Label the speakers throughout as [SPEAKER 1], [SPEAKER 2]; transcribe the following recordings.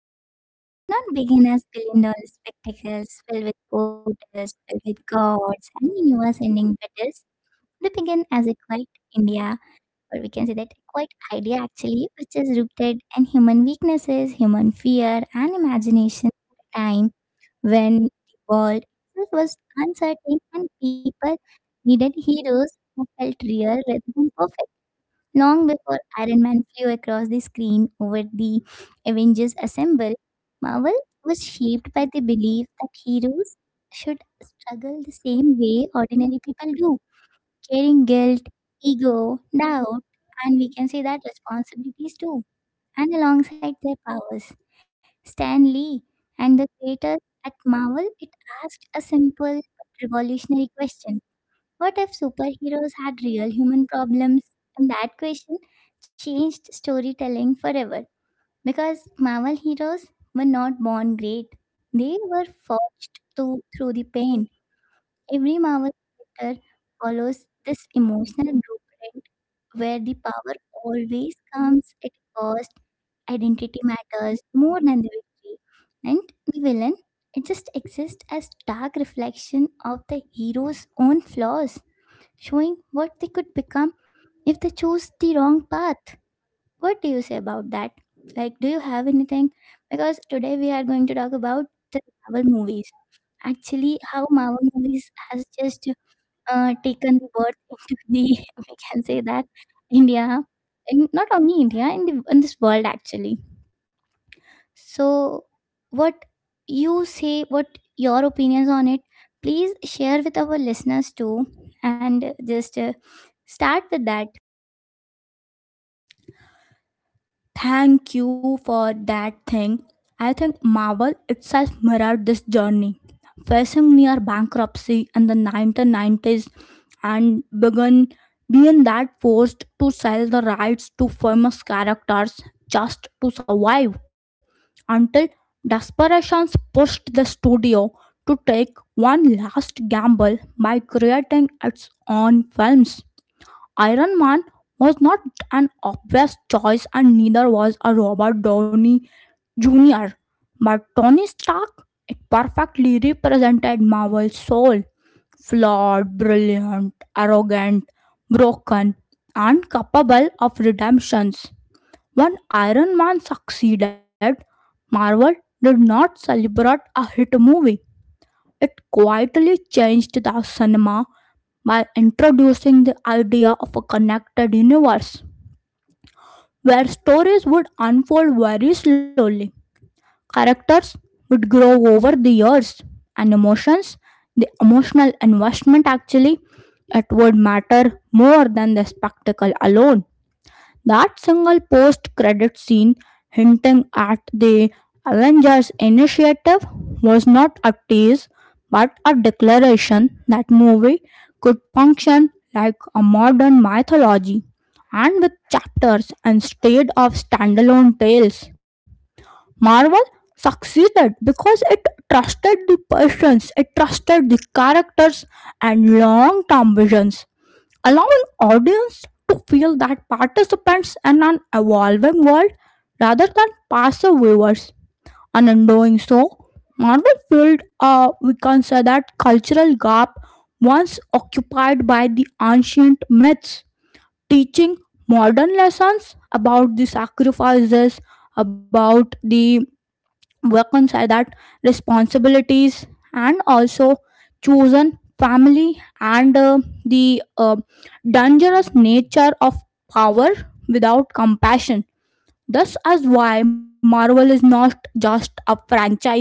[SPEAKER 1] movies, it did not begin as billion dollar spectacles filled with portals, filled with gods and universe ending battles. They began as a quiet India, or we can say that a quiet idea actually, which is rooted in human weaknesses, human fear, and imagination at a time when the world itself was uncertain and people needed heroes who felt real rather than perfect. Long before Iron Man flew across the screen over the Avengers Assemble, Marvel was shaped by the belief that heroes should struggle the same way ordinary people do, carrying guilt, ego, doubt, and we can say that responsibilities too. And alongside their powers, Stan Lee and the creators at Marvel, it asked a simple but revolutionary question: what if superheroes had real human problems? And that question changed storytelling forever because Marvel heroes were not born great. They were forged to, through the pain. Every Marvel character follows this emotional blueprint where the power always comes at cost. Identity matters more than the victory. And the villain, it just exists as dark reflection of the hero's own flaws showing what they could become if they chose the wrong path. What do you say about that? Like, do you have anything? Because today we are going to talk about the Marvel movies. Actually, how Marvel movies has just taken the birth into the we can say that India, and not only India in the in this world actually, so, what you say, what your opinions on it, please share with our listeners too, and just start with that.
[SPEAKER 2] Thank you for that thing. I think Marvel itself mirrored this journey. Facing near bankruptcy in the 1990s and began being that forced to sell the rights to famous characters just to survive until desperations pushed the studio to take one last gamble by creating its own films. Iron Man was not an obvious choice, and neither was a Robert Downey Jr. But Tony Stark, it perfectly represented Marvel's soul flawed, brilliant, arrogant, broken, and capable of redemptions. When Iron Man succeeded, Marvel did not celebrate a hit movie. It quietly changed the cinema by introducing the idea of a connected universe where stories would unfold very slowly. Characters would grow over the years and emotions, the emotional investment actually, it would matter more than the spectacle alone. That single post credit scene hinting at the Avengers initiative was not a tease but a declaration that movie could function like a modern mythology and with chapters instead of standalone tales. Marvel succeeded because it trusted the patience, it trusted the characters and long term visions allowing audience to feel that participants in an evolving world rather than passive viewers. And in doing so, Marvel filled a we can say that cultural gap once occupied by the ancient myths, teaching modern lessons about the sacrifices, about the work on that responsibilities and also chosen family and the dangerous nature of power without compassion. Thus, as why Marvel is not just a franchise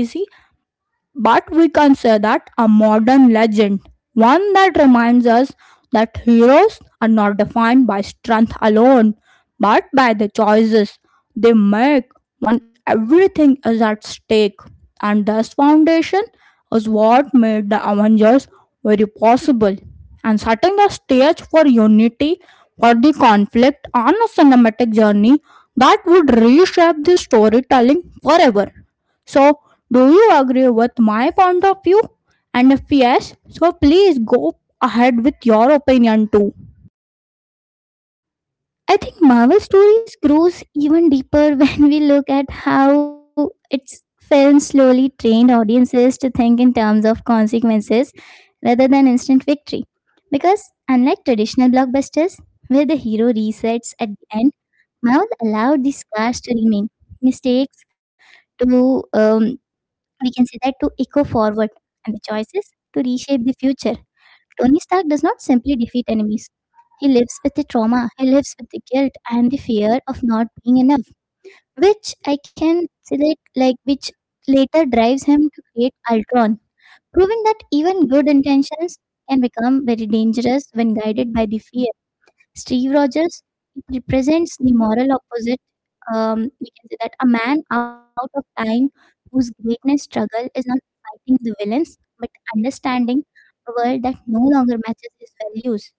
[SPEAKER 2] but we can say that a modern legend, one that reminds us that heroes are not defined by strength alone, but by the choices they make when everything is at stake. And this foundation is what made the Avengers very possible and setting the stage for unity for the conflict on a cinematic journey that would reshape the storytelling forever. So, do you agree with my point of view? And if yes, so please go ahead with your opinion too.
[SPEAKER 1] I think Marvel stories grows even deeper when we look at how its films slowly trained audiences to think in terms of consequences rather than instant victory. Because unlike traditional blockbusters, where the hero resets at the end, Marvel allowed these scars to remain, mistakes to we can say that to echo forward and the choices to reshape the future. Tony Stark does not simply defeat enemies. He lives with the trauma, he lives with the guilt and the fear of not being enough, which I can say that like which later drives him to create Ultron, proving that even good intentions can become very dangerous when guided by the fear. Steve Rogers, it represents the moral opposite. We can say that a man out of time whose greatness struggle is not fighting the villains but understanding a world that no longer matches his values,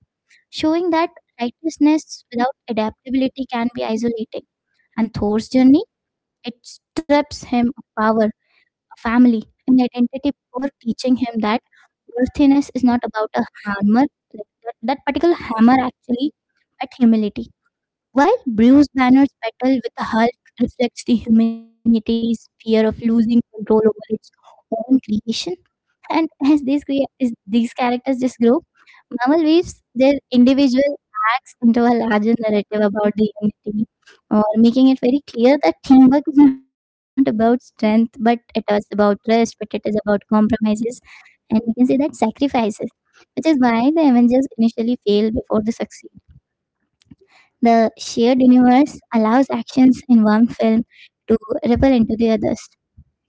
[SPEAKER 1] showing that righteousness without adaptability can be isolating. And Thor's journey, it strips him of power, a family, and identity before teaching him that worthiness is not about a hammer, like that particular hammer actually, but humility. While Bruce Banner's battle with the Hulk reflects the humanity's fear of losing control over its own creation, and as these characters just grow, Marvel weaves their individual acts into a larger narrative about the unity, or making it very clear that teamwork is not about strength, but it is about trust, but it is about compromises, and we can say that sacrifices, which is why the Avengers initially failed before they succeed. The shared universe allows actions in one film to ripple into the others,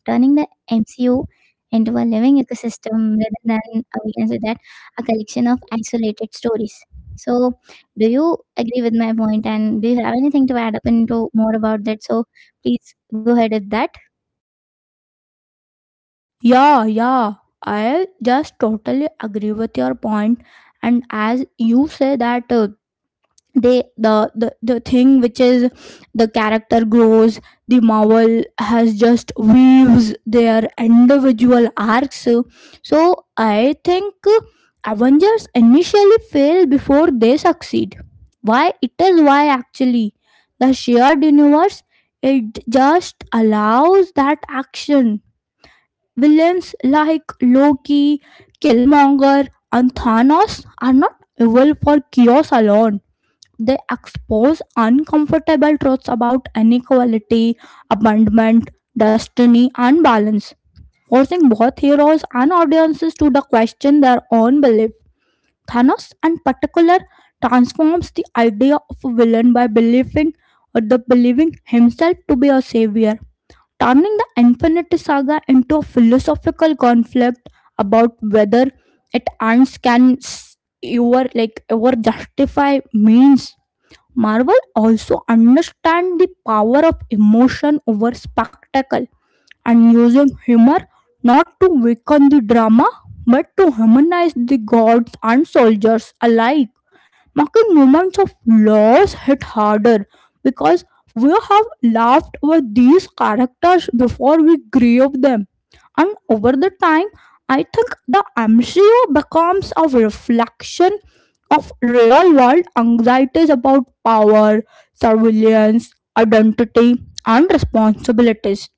[SPEAKER 1] turning the MCU into a living ecosystem rather than, we can say that, a collection of isolated stories. So, do you agree with my point and do you have anything to add up into more about that? So, please go ahead with that.
[SPEAKER 2] Yeah, yeah, I just totally agree with your point. And as you say that they the thing which is the character grows, the Marvel has just weaves their individual arcs. So I think Avengers initially fail before they succeed. Why it is, why actually, the shared universe it just allows that action. Villains like Loki, Killmonger, and Thanos are not evil for chaos alone. They expose uncomfortable truths about inequality, abandonment, destiny, and balance, forcing both heroes and audiences to the question their own belief. Thanos, in particular, transforms the idea of a villain by believing or the believing himself to be a savior, turning the Infinity Saga into a philosophical conflict about whether it ends can ever like ever justify means. Marvel also understands the power of emotion over spectacle and using humor not to weaken the drama but to humanize the gods and soldiers alike. Marking moments of loss hit harder because we have laughed with these characters before we grew up them. And over the time, I think the MCU becomes a reflection of real world anxieties about power, surveillance, identity, and responsibilities,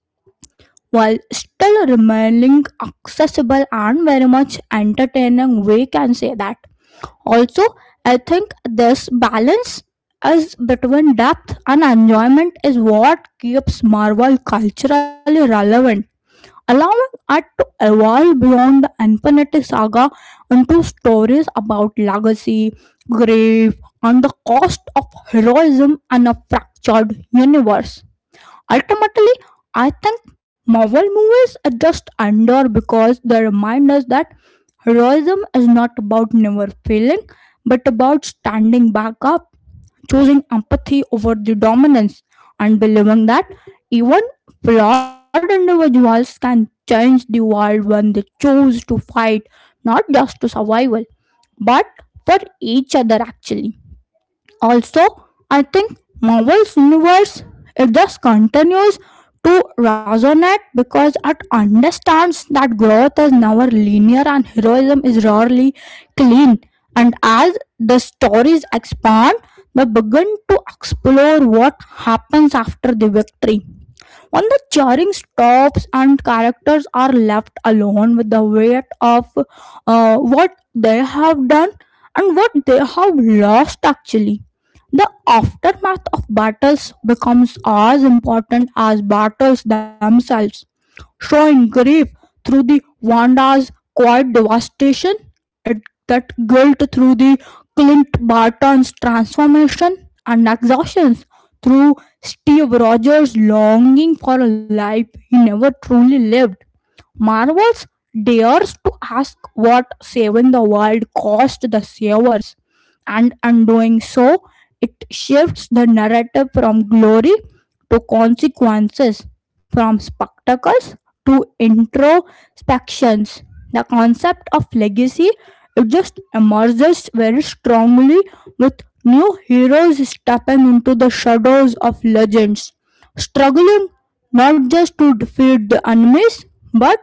[SPEAKER 2] while still remaining accessible and very much entertaining. We can say that. Also, I think this balance is between depth and enjoyment is what keeps Marvel culturally relevant, allowing it to evolve beyond the Infinity Saga into stories about legacy, grief, and the cost of heroism and a fractured universe. Ultimately, I think Marvel movies just endure because they remind us that heroism is not about never failing, but about standing back up, choosing empathy over the dominance, and believing that even flawed individuals can change the world when they choose to fight, not just to survival, but for each other actually. Also, I think Marvel's universe it just continues to resonate because it understands that growth is never linear and heroism is rarely clean. And as the stories expand, we begin to explore what happens after the victory. When the cheering stops and characters are left alone with the weight of what they have done and what they have lost, actually, the aftermath of battles becomes as important as battles themselves, showing grief through the Wanda's quiet devastation, it, that guilt through the Clint Barton's transformation and exhaustions through Steve Rogers' longing for a life he never truly lived. Marvel's dares to ask what saving the world cost the savers, and undoing so it shifts the narrative from glory to consequences, from spectacles to introspections. The concept of legacy it just emerges very strongly with new heroes stepping into the shadows of legends, struggling not just to defeat the enemies but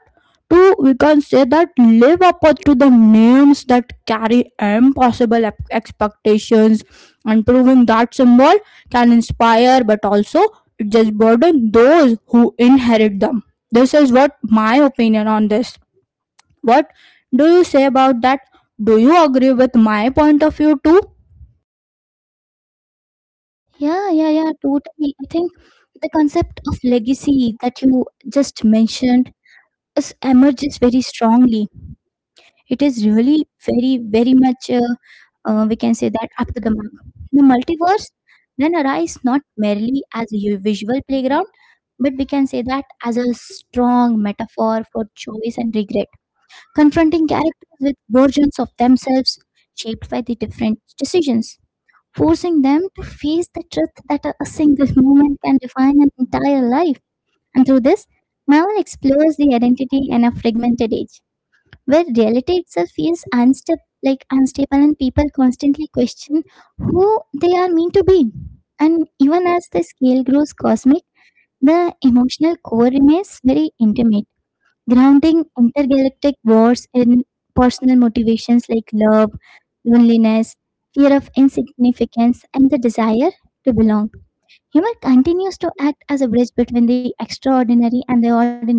[SPEAKER 2] to we can say that live up to the names that carry impossible expectations and proving that symbol can inspire but also it just burden those who inherit them. This is what my opinion on this. What do you say about that? Do you agree with my point of view too?
[SPEAKER 1] Yeah, yeah, yeah, totally. I think the concept of legacy that you just mentioned is, emerges very strongly. It is really very much, we can say that, up to the mark. The multiverse then arise not merely as a visual playground, but we can say that as a strong metaphor for choice and regret, confronting characters with versions of themselves shaped by the different decisions, forcing them to face the truth that a single moment can define an entire life. And through this, Marvel explores the identity in a fragmented age where reality itself feels unstable, and people constantly question who they are meant to be. And even as the scale grows cosmic, the emotional core remains very intimate, grounding intergalactic wars in personal motivations like love, loneliness, fear of insignificance, and the desire to belong. Humor continues to act as a bridge between the extraordinary and the ordinary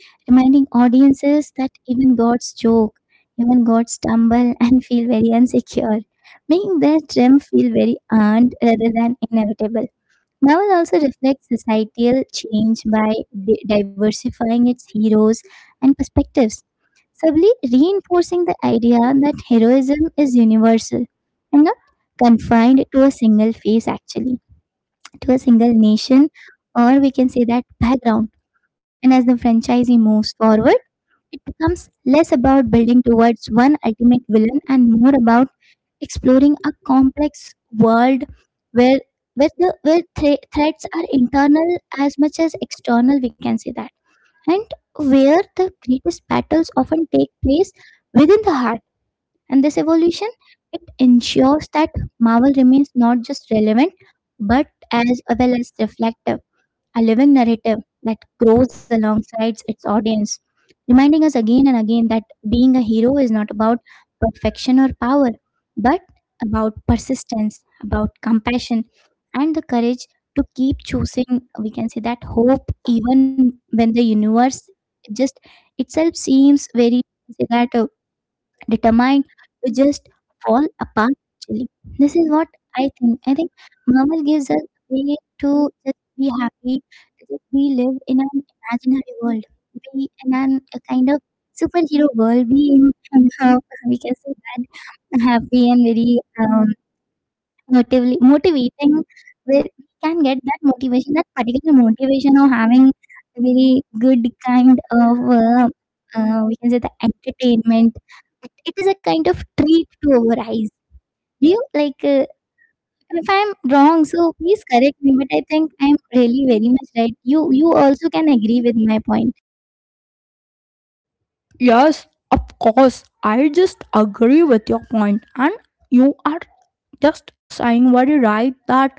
[SPEAKER 1] reminding audiences that even gods joke, even gods stumble and feel very insecure, making their trim feel very earned rather than inevitable. Marvel also reflects societal change by diversifying its heroes and perspectives, subtly reinforcing the idea that heroism is universal and not confined to a single phase, actually, to a single nation, or we can say that background. And as the franchise moves forward, it becomes less about building towards one ultimate villain and more about exploring a complex world where where threats are internal as much as external, we can say that, and where the greatest battles often take place within the heart, and this evolution it ensures that Marvel remains not just relevant but as well as reflective, a living narrative that grows alongside its audience, reminding us again and again that being a hero is not about perfection or power, but about persistence, about compassion, and the courage to keep choosing, we can say that hope, even when the universe just itself seems very, say that determined to just fall apart actually. This is what I think. I think Marvel gives us a way to just be happy, to just we live in an imaginary world, be in an, a kind of superhero world, be in somehow we can say that happy and very motively motivating, where we can get that motivation, that particular motivation of having a very good kind of, we can say the entertainment. It is a kind of treat to our eyes. Do you like? If I'm wrong, so please correct me. But I think I'm really very much right. You also can agree with my point.
[SPEAKER 2] Yes, of course. I just agree with your point, and you are just saying very right that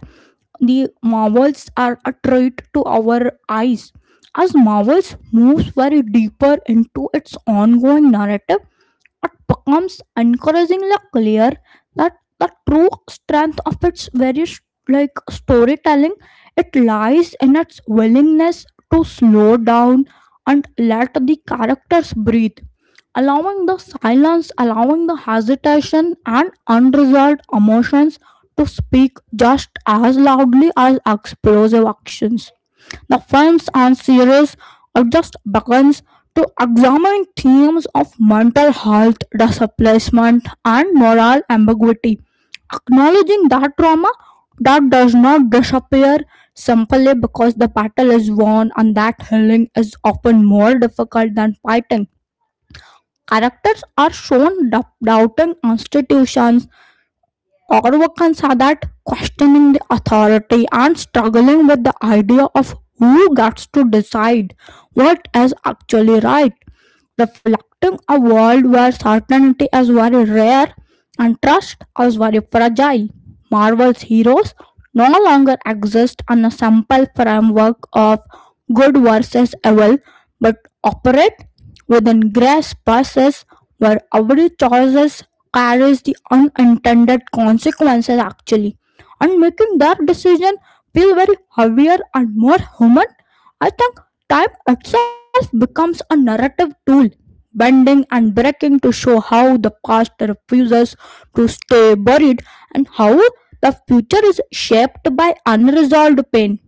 [SPEAKER 2] the Marvels are a treat to our eyes. As Marvels moves very deeper into its ongoing narrative, it becomes encouragingly clear that the true strength of its various, like storytelling, it lies in its willingness to slow down and let the characters breathe, allowing the silence, allowing the hesitation and unresolved emotions to speak just as loudly as explosive actions. The films and series are just begins to examine themes of mental health, displacement, and moral ambiguity, acknowledging that trauma that does not disappear simply because the battle is won and that healing is often more difficult than fighting. Characters are shown doubting institutions, Orvakan saw that questioning the authority and struggling with the idea of who gets to decide what is actually right, reflecting a world where certainty is very rare and trust is very fragile. Marvel's heroes no longer exist on a simple framework of good versus evil, but operate within gray spaces where every choice carries the unintended consequences actually, and making their decision feel very heavier and more human. I think time itself becomes a narrative tool, bending and breaking to show how the past refuses to stay buried and how the future is shaped by unresolved pain.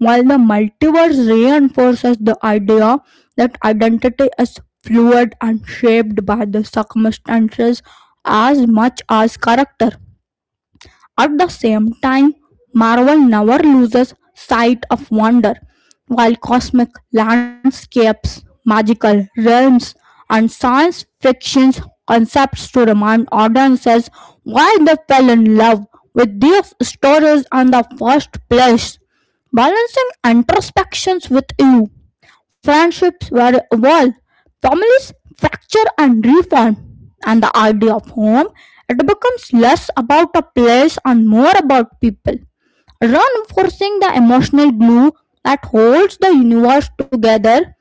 [SPEAKER 2] While the multiverse reinforces the idea that identity is fluid and shaped by the circumstances as much as character. At the same time, Marvel never loses sight of wonder. While cosmic landscapes, magical realms, and science fiction's concepts to remind audiences why they fell in love with these stories in the first place, balancing introspections with you. Friendships were evolved, families fracture and reform, and the idea of home it becomes less about a place and more about people, reinforcing the emotional glue that holds the universe together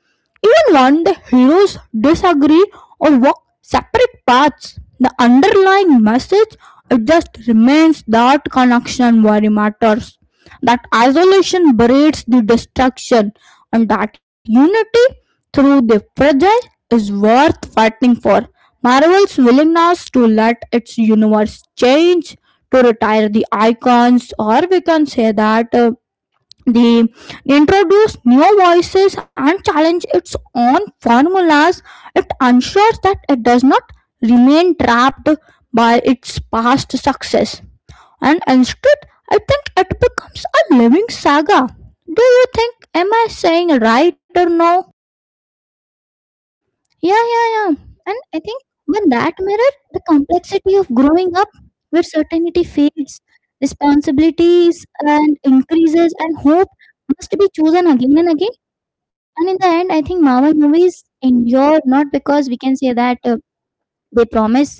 [SPEAKER 2] even when the heroes disagree or walk separate paths. The underlying message it just remains that connection very matters. That isolation breeds the destruction, and that unity through the fragile is worth fighting for. Marvel's willingness to let its universe change, to retire the icons, or we can say that the introduce new voices and challenge its own formulas, it ensures that it does not remain trapped by its past success, and instead, I think it becomes a living saga. Do you think? Am I saying right or no?
[SPEAKER 1] Yeah, yeah, yeah. And I think when that mirror, the complexity of growing up, where certainty fades, responsibilities and increases, and hope must be chosen again and again. And in the end, I think Marvel movies endure not because we can say that they promise,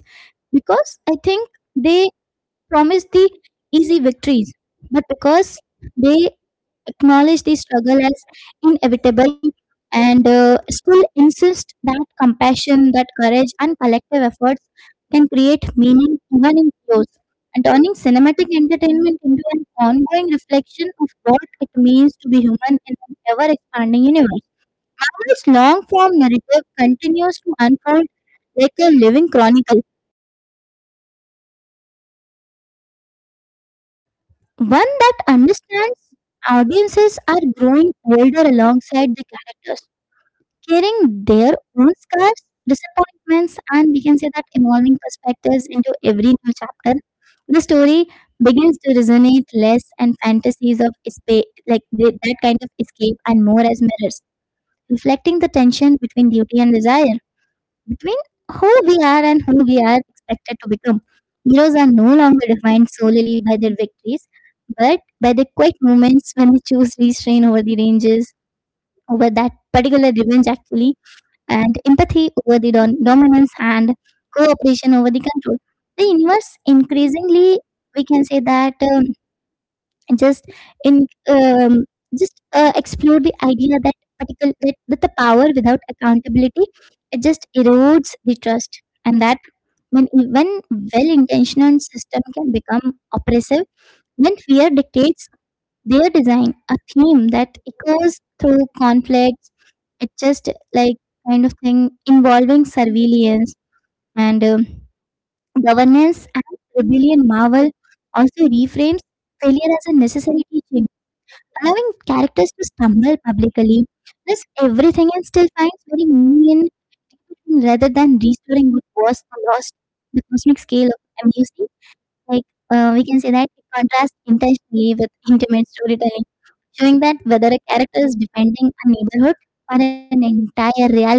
[SPEAKER 1] because I think they promise the easy victories, but because they acknowledge the struggle as inevitable and still insist that compassion, that courage, and collective efforts can create meaning even in chaos. And turning cinematic entertainment into an ongoing reflection of what it means to be human in an ever expanding universe. This long form narrative continues to unfold like a living chronicle, one that understands audiences are growing older alongside the characters carrying their own scars, disappointments, and we can say that evolving perspectives into every new chapter. The story begins to resonate less and fantasies of escape, like that kind of escape, and more as mirrors, reflecting the tension between duty and desire, between who we are and who we are expected to become. Heroes are no longer defined solely by their victories, but by the quiet moments when they choose restraint over the ranges, over that particular revenge actually, and empathy over the dominance and cooperation over the control. The universe increasingly, we can say that just in just explore the idea that particular that the power without accountability it just erodes the trust, and that when well-intentioned system can become oppressive when fear dictates their design, a theme that echoes through conflicts, it's just like kind of thing involving surveillance and governance and rebellion. Marvel also reframes failure as a necessary teaching, allowing characters to stumble publicly, risk everything, and still finds very meaning in rather than restoring what was lost, the cosmic scale of MUC, like we can say that it contrasts intentionally with intimate storytelling showing that whether a character is defending a neighborhood or an entire reality,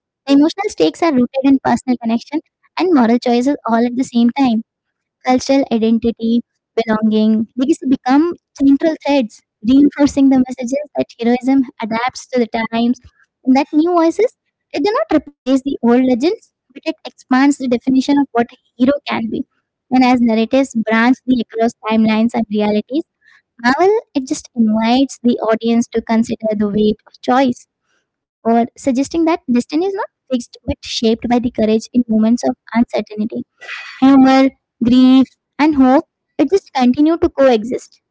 [SPEAKER 1] the emotional stakes are rooted in personal connection and moral choices all at the same time. Cultural identity, belonging, legacy become central threads, reinforcing the messages that heroism adapts to the times and that new voices they do not replace the old legends, but it expands the definition of what a hero can be. And as narratives branch the across timelines and realities, well, it just invites the audience to consider the weight of choice or suggesting that destiny is not fixed but shaped by the courage in moments of uncertainty. Humor, grief, and hope, it just continue to coexist,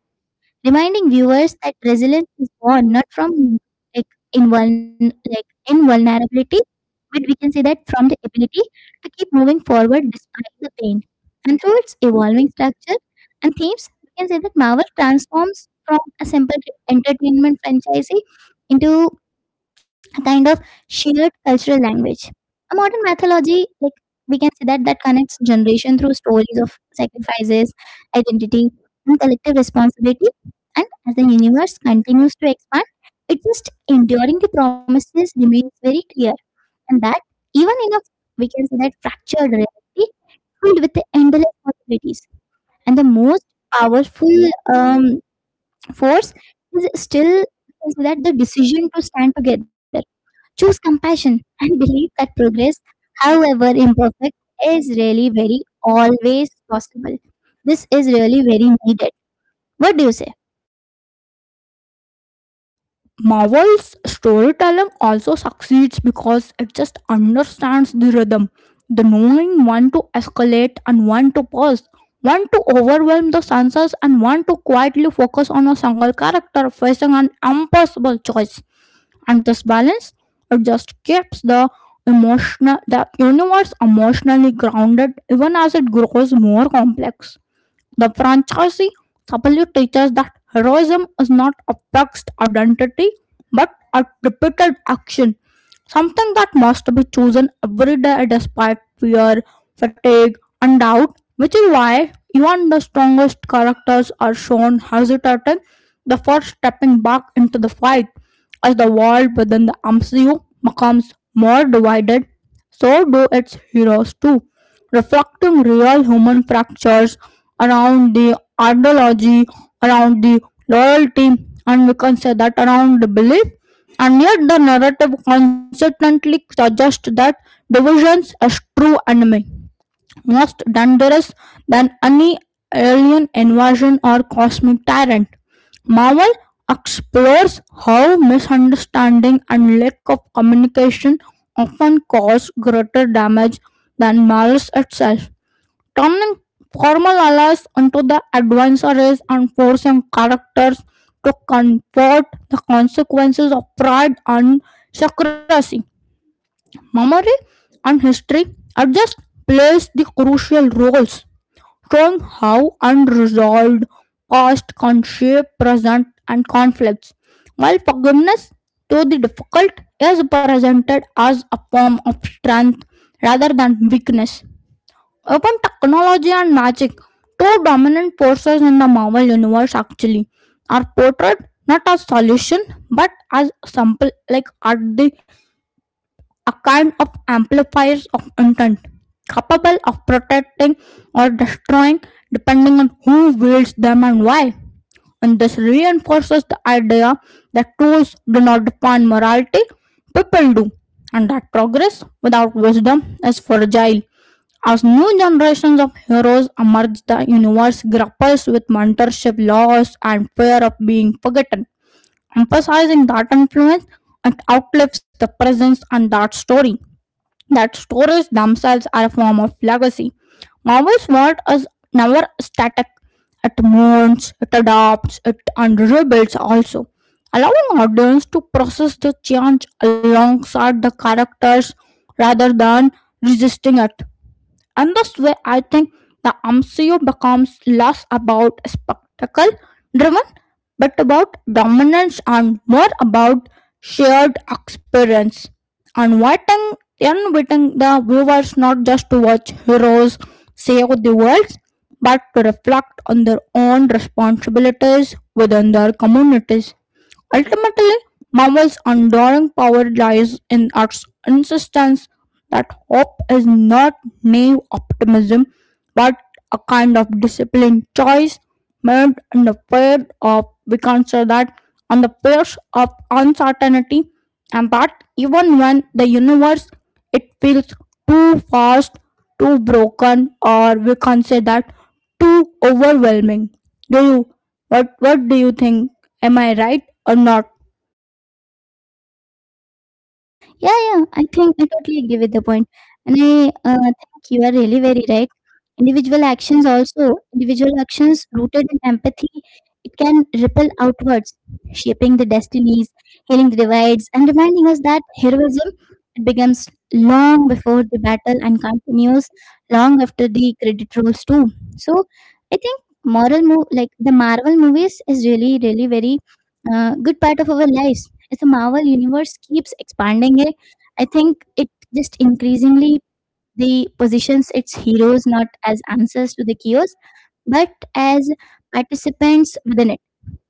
[SPEAKER 1] reminding viewers that resilience is born not from like like invulnerability but we can say that from the ability to keep moving forward despite the pain. And through its evolving structure and themes, we can say that Marvel transforms from a simple entertainment franchise into a kind of shared cultural language. A modern mythology, like we can say that connects generation through stories of sacrifices, identity, and collective responsibility. And as the universe continues to expand, it just enduring the promises remains very clear and that, even in a, we can say that fractured reality filled with endless possibilities. And the most powerful um, force is still we can say that the decision to stand together, choose compassion, and believe that progress, however imperfect, is really very always possible. This is really very needed. What do you say?
[SPEAKER 2] Marvel's storytelling also succeeds because it just understands the rhythm, the knowing when to escalate and when to pause, when to overwhelm the senses, and when to quietly focus on a single character facing an impossible choice. And this balance, it just keeps the emotional, the universe emotionally grounded even as it grows more complex. The franchisee subtly teaches that heroism is not a fixed identity but a repeated action, something that must be chosen every day despite fear, fatigue, and doubt, which is why even the strongest characters are shown hesitating before stepping back into the fight. As the world within the MCU becomes more divided, so do its heroes too, reflecting real human fractures around the ideology, around the loyalty, and we can say that around the belief. And yet the narrative consistently suggests that divisions is true enemy, most dangerous than any alien invasion or cosmic tyrant. Marvel explores how misunderstanding and lack of communication often cause greater damage than malice itself, turning formal allies into the adversaries and forcing characters to confront the consequences of pride and secrecy. Memory and history are just plays the crucial roles, showing how unresolved past can shape present and conflicts. While forgiveness, though the difficult, is presented as a form of strength rather than weakness. Open technology and magic, two dominant forces in the Marvel universe actually, are portrayed not as solution but as sample, like at the a kind of amplifiers of intent capable of protecting or destroying depending on who wields them and why. And this reinforces the idea that tools do not define morality, people do, and that progress without wisdom is fragile. As new generations of heroes emerge, the universe grapples with mentorship loss and fear of being forgotten, emphasizing that influence, it outlives the presence and that story. That stories themselves are a form of legacy. Marvel's world is never static. It mourns, it adopts, it and rebuilds also, allowing audience to process the change alongside the characters rather than resisting it. And that's where I think the MCU becomes less about spectacle driven but about dominance and more about shared experience. Inviting, Inviting the viewers not just to watch heroes save the world but to reflect on their own responsibilities within their communities. Ultimately, Marvel's enduring power lies in its insistence that hope is not naive optimism but a kind of disciplined choice made in the face of we can say that on the face of uncertainty, and that even when the universe it feels too fast, too broken, or we can say that too overwhelming. Do you what do you think? Am I right or not?
[SPEAKER 1] Yeah, yeah, I think I totally agree with the point. And I think you are really very right. Individual actions also, individual actions rooted in empathy, it can ripple outwards, shaping the destinies, healing the divides, and reminding us that heroism it begins long before the battle and continues long after the credit rolls too. So I think moral move like the Marvel movies is really, really very good part of our lives as the Marvel universe keeps expanding it, I think it just increasingly the positions its heroes not as answers to the chaos, but as participants with an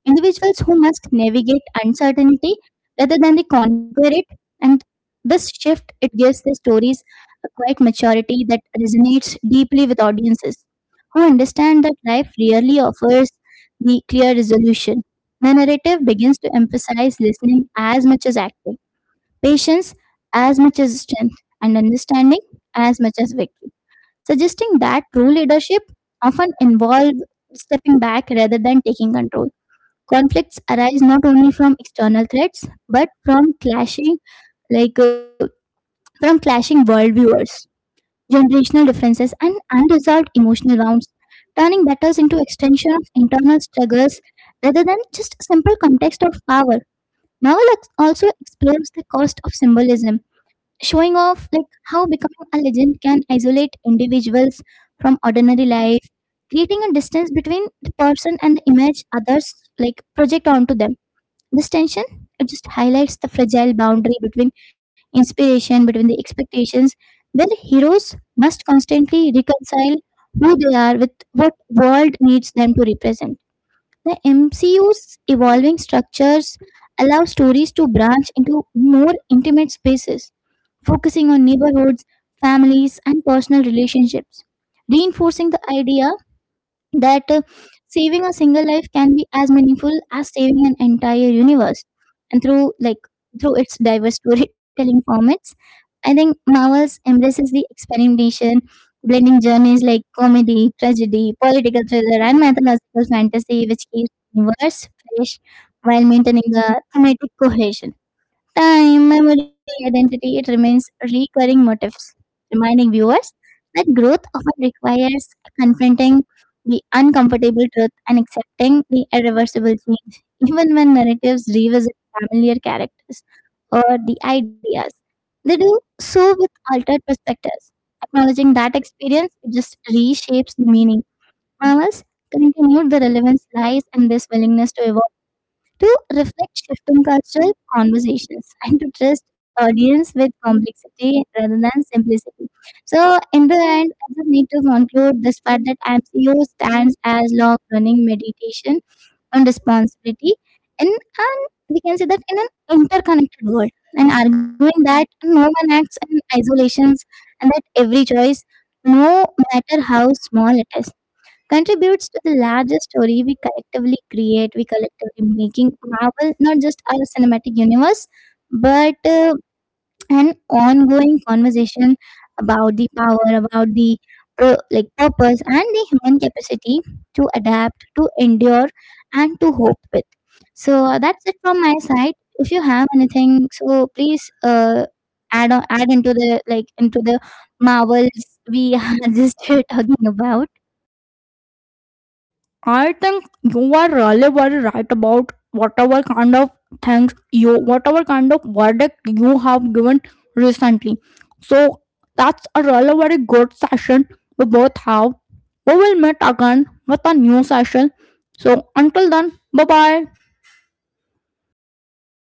[SPEAKER 1] Individuals who must navigate uncertainty rather than they conquer it, and this shift it gives their stories a quiet maturity that resonates deeply with audiences who understand that life rarely offers the clear resolution. The narrative begins to emphasize listening as much as acting, patience as much as strength, and understanding as much as victory, suggesting that true leadership often involves stepping back rather than taking control conflicts arise not only from external threats but from clashing like uh, from clashing worldviews generational differences and unresolved emotional wounds turning battles into extension of internal struggles rather than just simple context of power novel also explores the cost of symbolism showing off like how becoming a legend can isolate individuals from ordinary life creating a distance between the person and the image others like project onto them this tension it just highlights the fragile boundary between inspiration, between the expectations, where heroes must constantly reconcile who they are with what world needs them to represent. The MCU's evolving structures allow stories to branch into more intimate spaces, focusing on neighborhoods, families, and personal relationships, reinforcing the idea that saving a single life can be as meaningful as saving an entire universe and through its diverse storytelling formats I think Marvels embraces the experimentation blending journeys like comedy tragedy political thriller and mythological fantasy which keeps the universe fresh while maintaining the thematic cohesion time, memory, identity, it remains recurring motifs, reminding viewers that growth often requires confronting the uncomfortable truth and accepting the irreversible change, even when narratives revisit familiar characters or the ideas. They do so with altered perspectives. Acknowledging that experience it just reshapes the meaning. Novels continued the relevance lies in this willingness to evolve to reflect shifting cultural conversations and to trust audience with complexity rather than simplicity. So in the end, I just need to conclude this part that MCO stands as long running meditation on responsibility and an we can say that in an interconnected world and arguing that no one acts in isolations and that every choice, no matter how small it is, contributes to the larger story we collectively create, we collectively making Marvel not just our cinematic universe, but an ongoing conversation about the power, about the purpose and the human capacity to adapt, to endure, and to hope with. So that's it from my side. If you have anything, so please add on, add into the Marvels we are just talking about.
[SPEAKER 2] I think you are really very right about whatever kind of things you, whatever kind of verdict you have given recently. So that's a really very good session we both have. We will meet again with a new session. So until then, bye bye.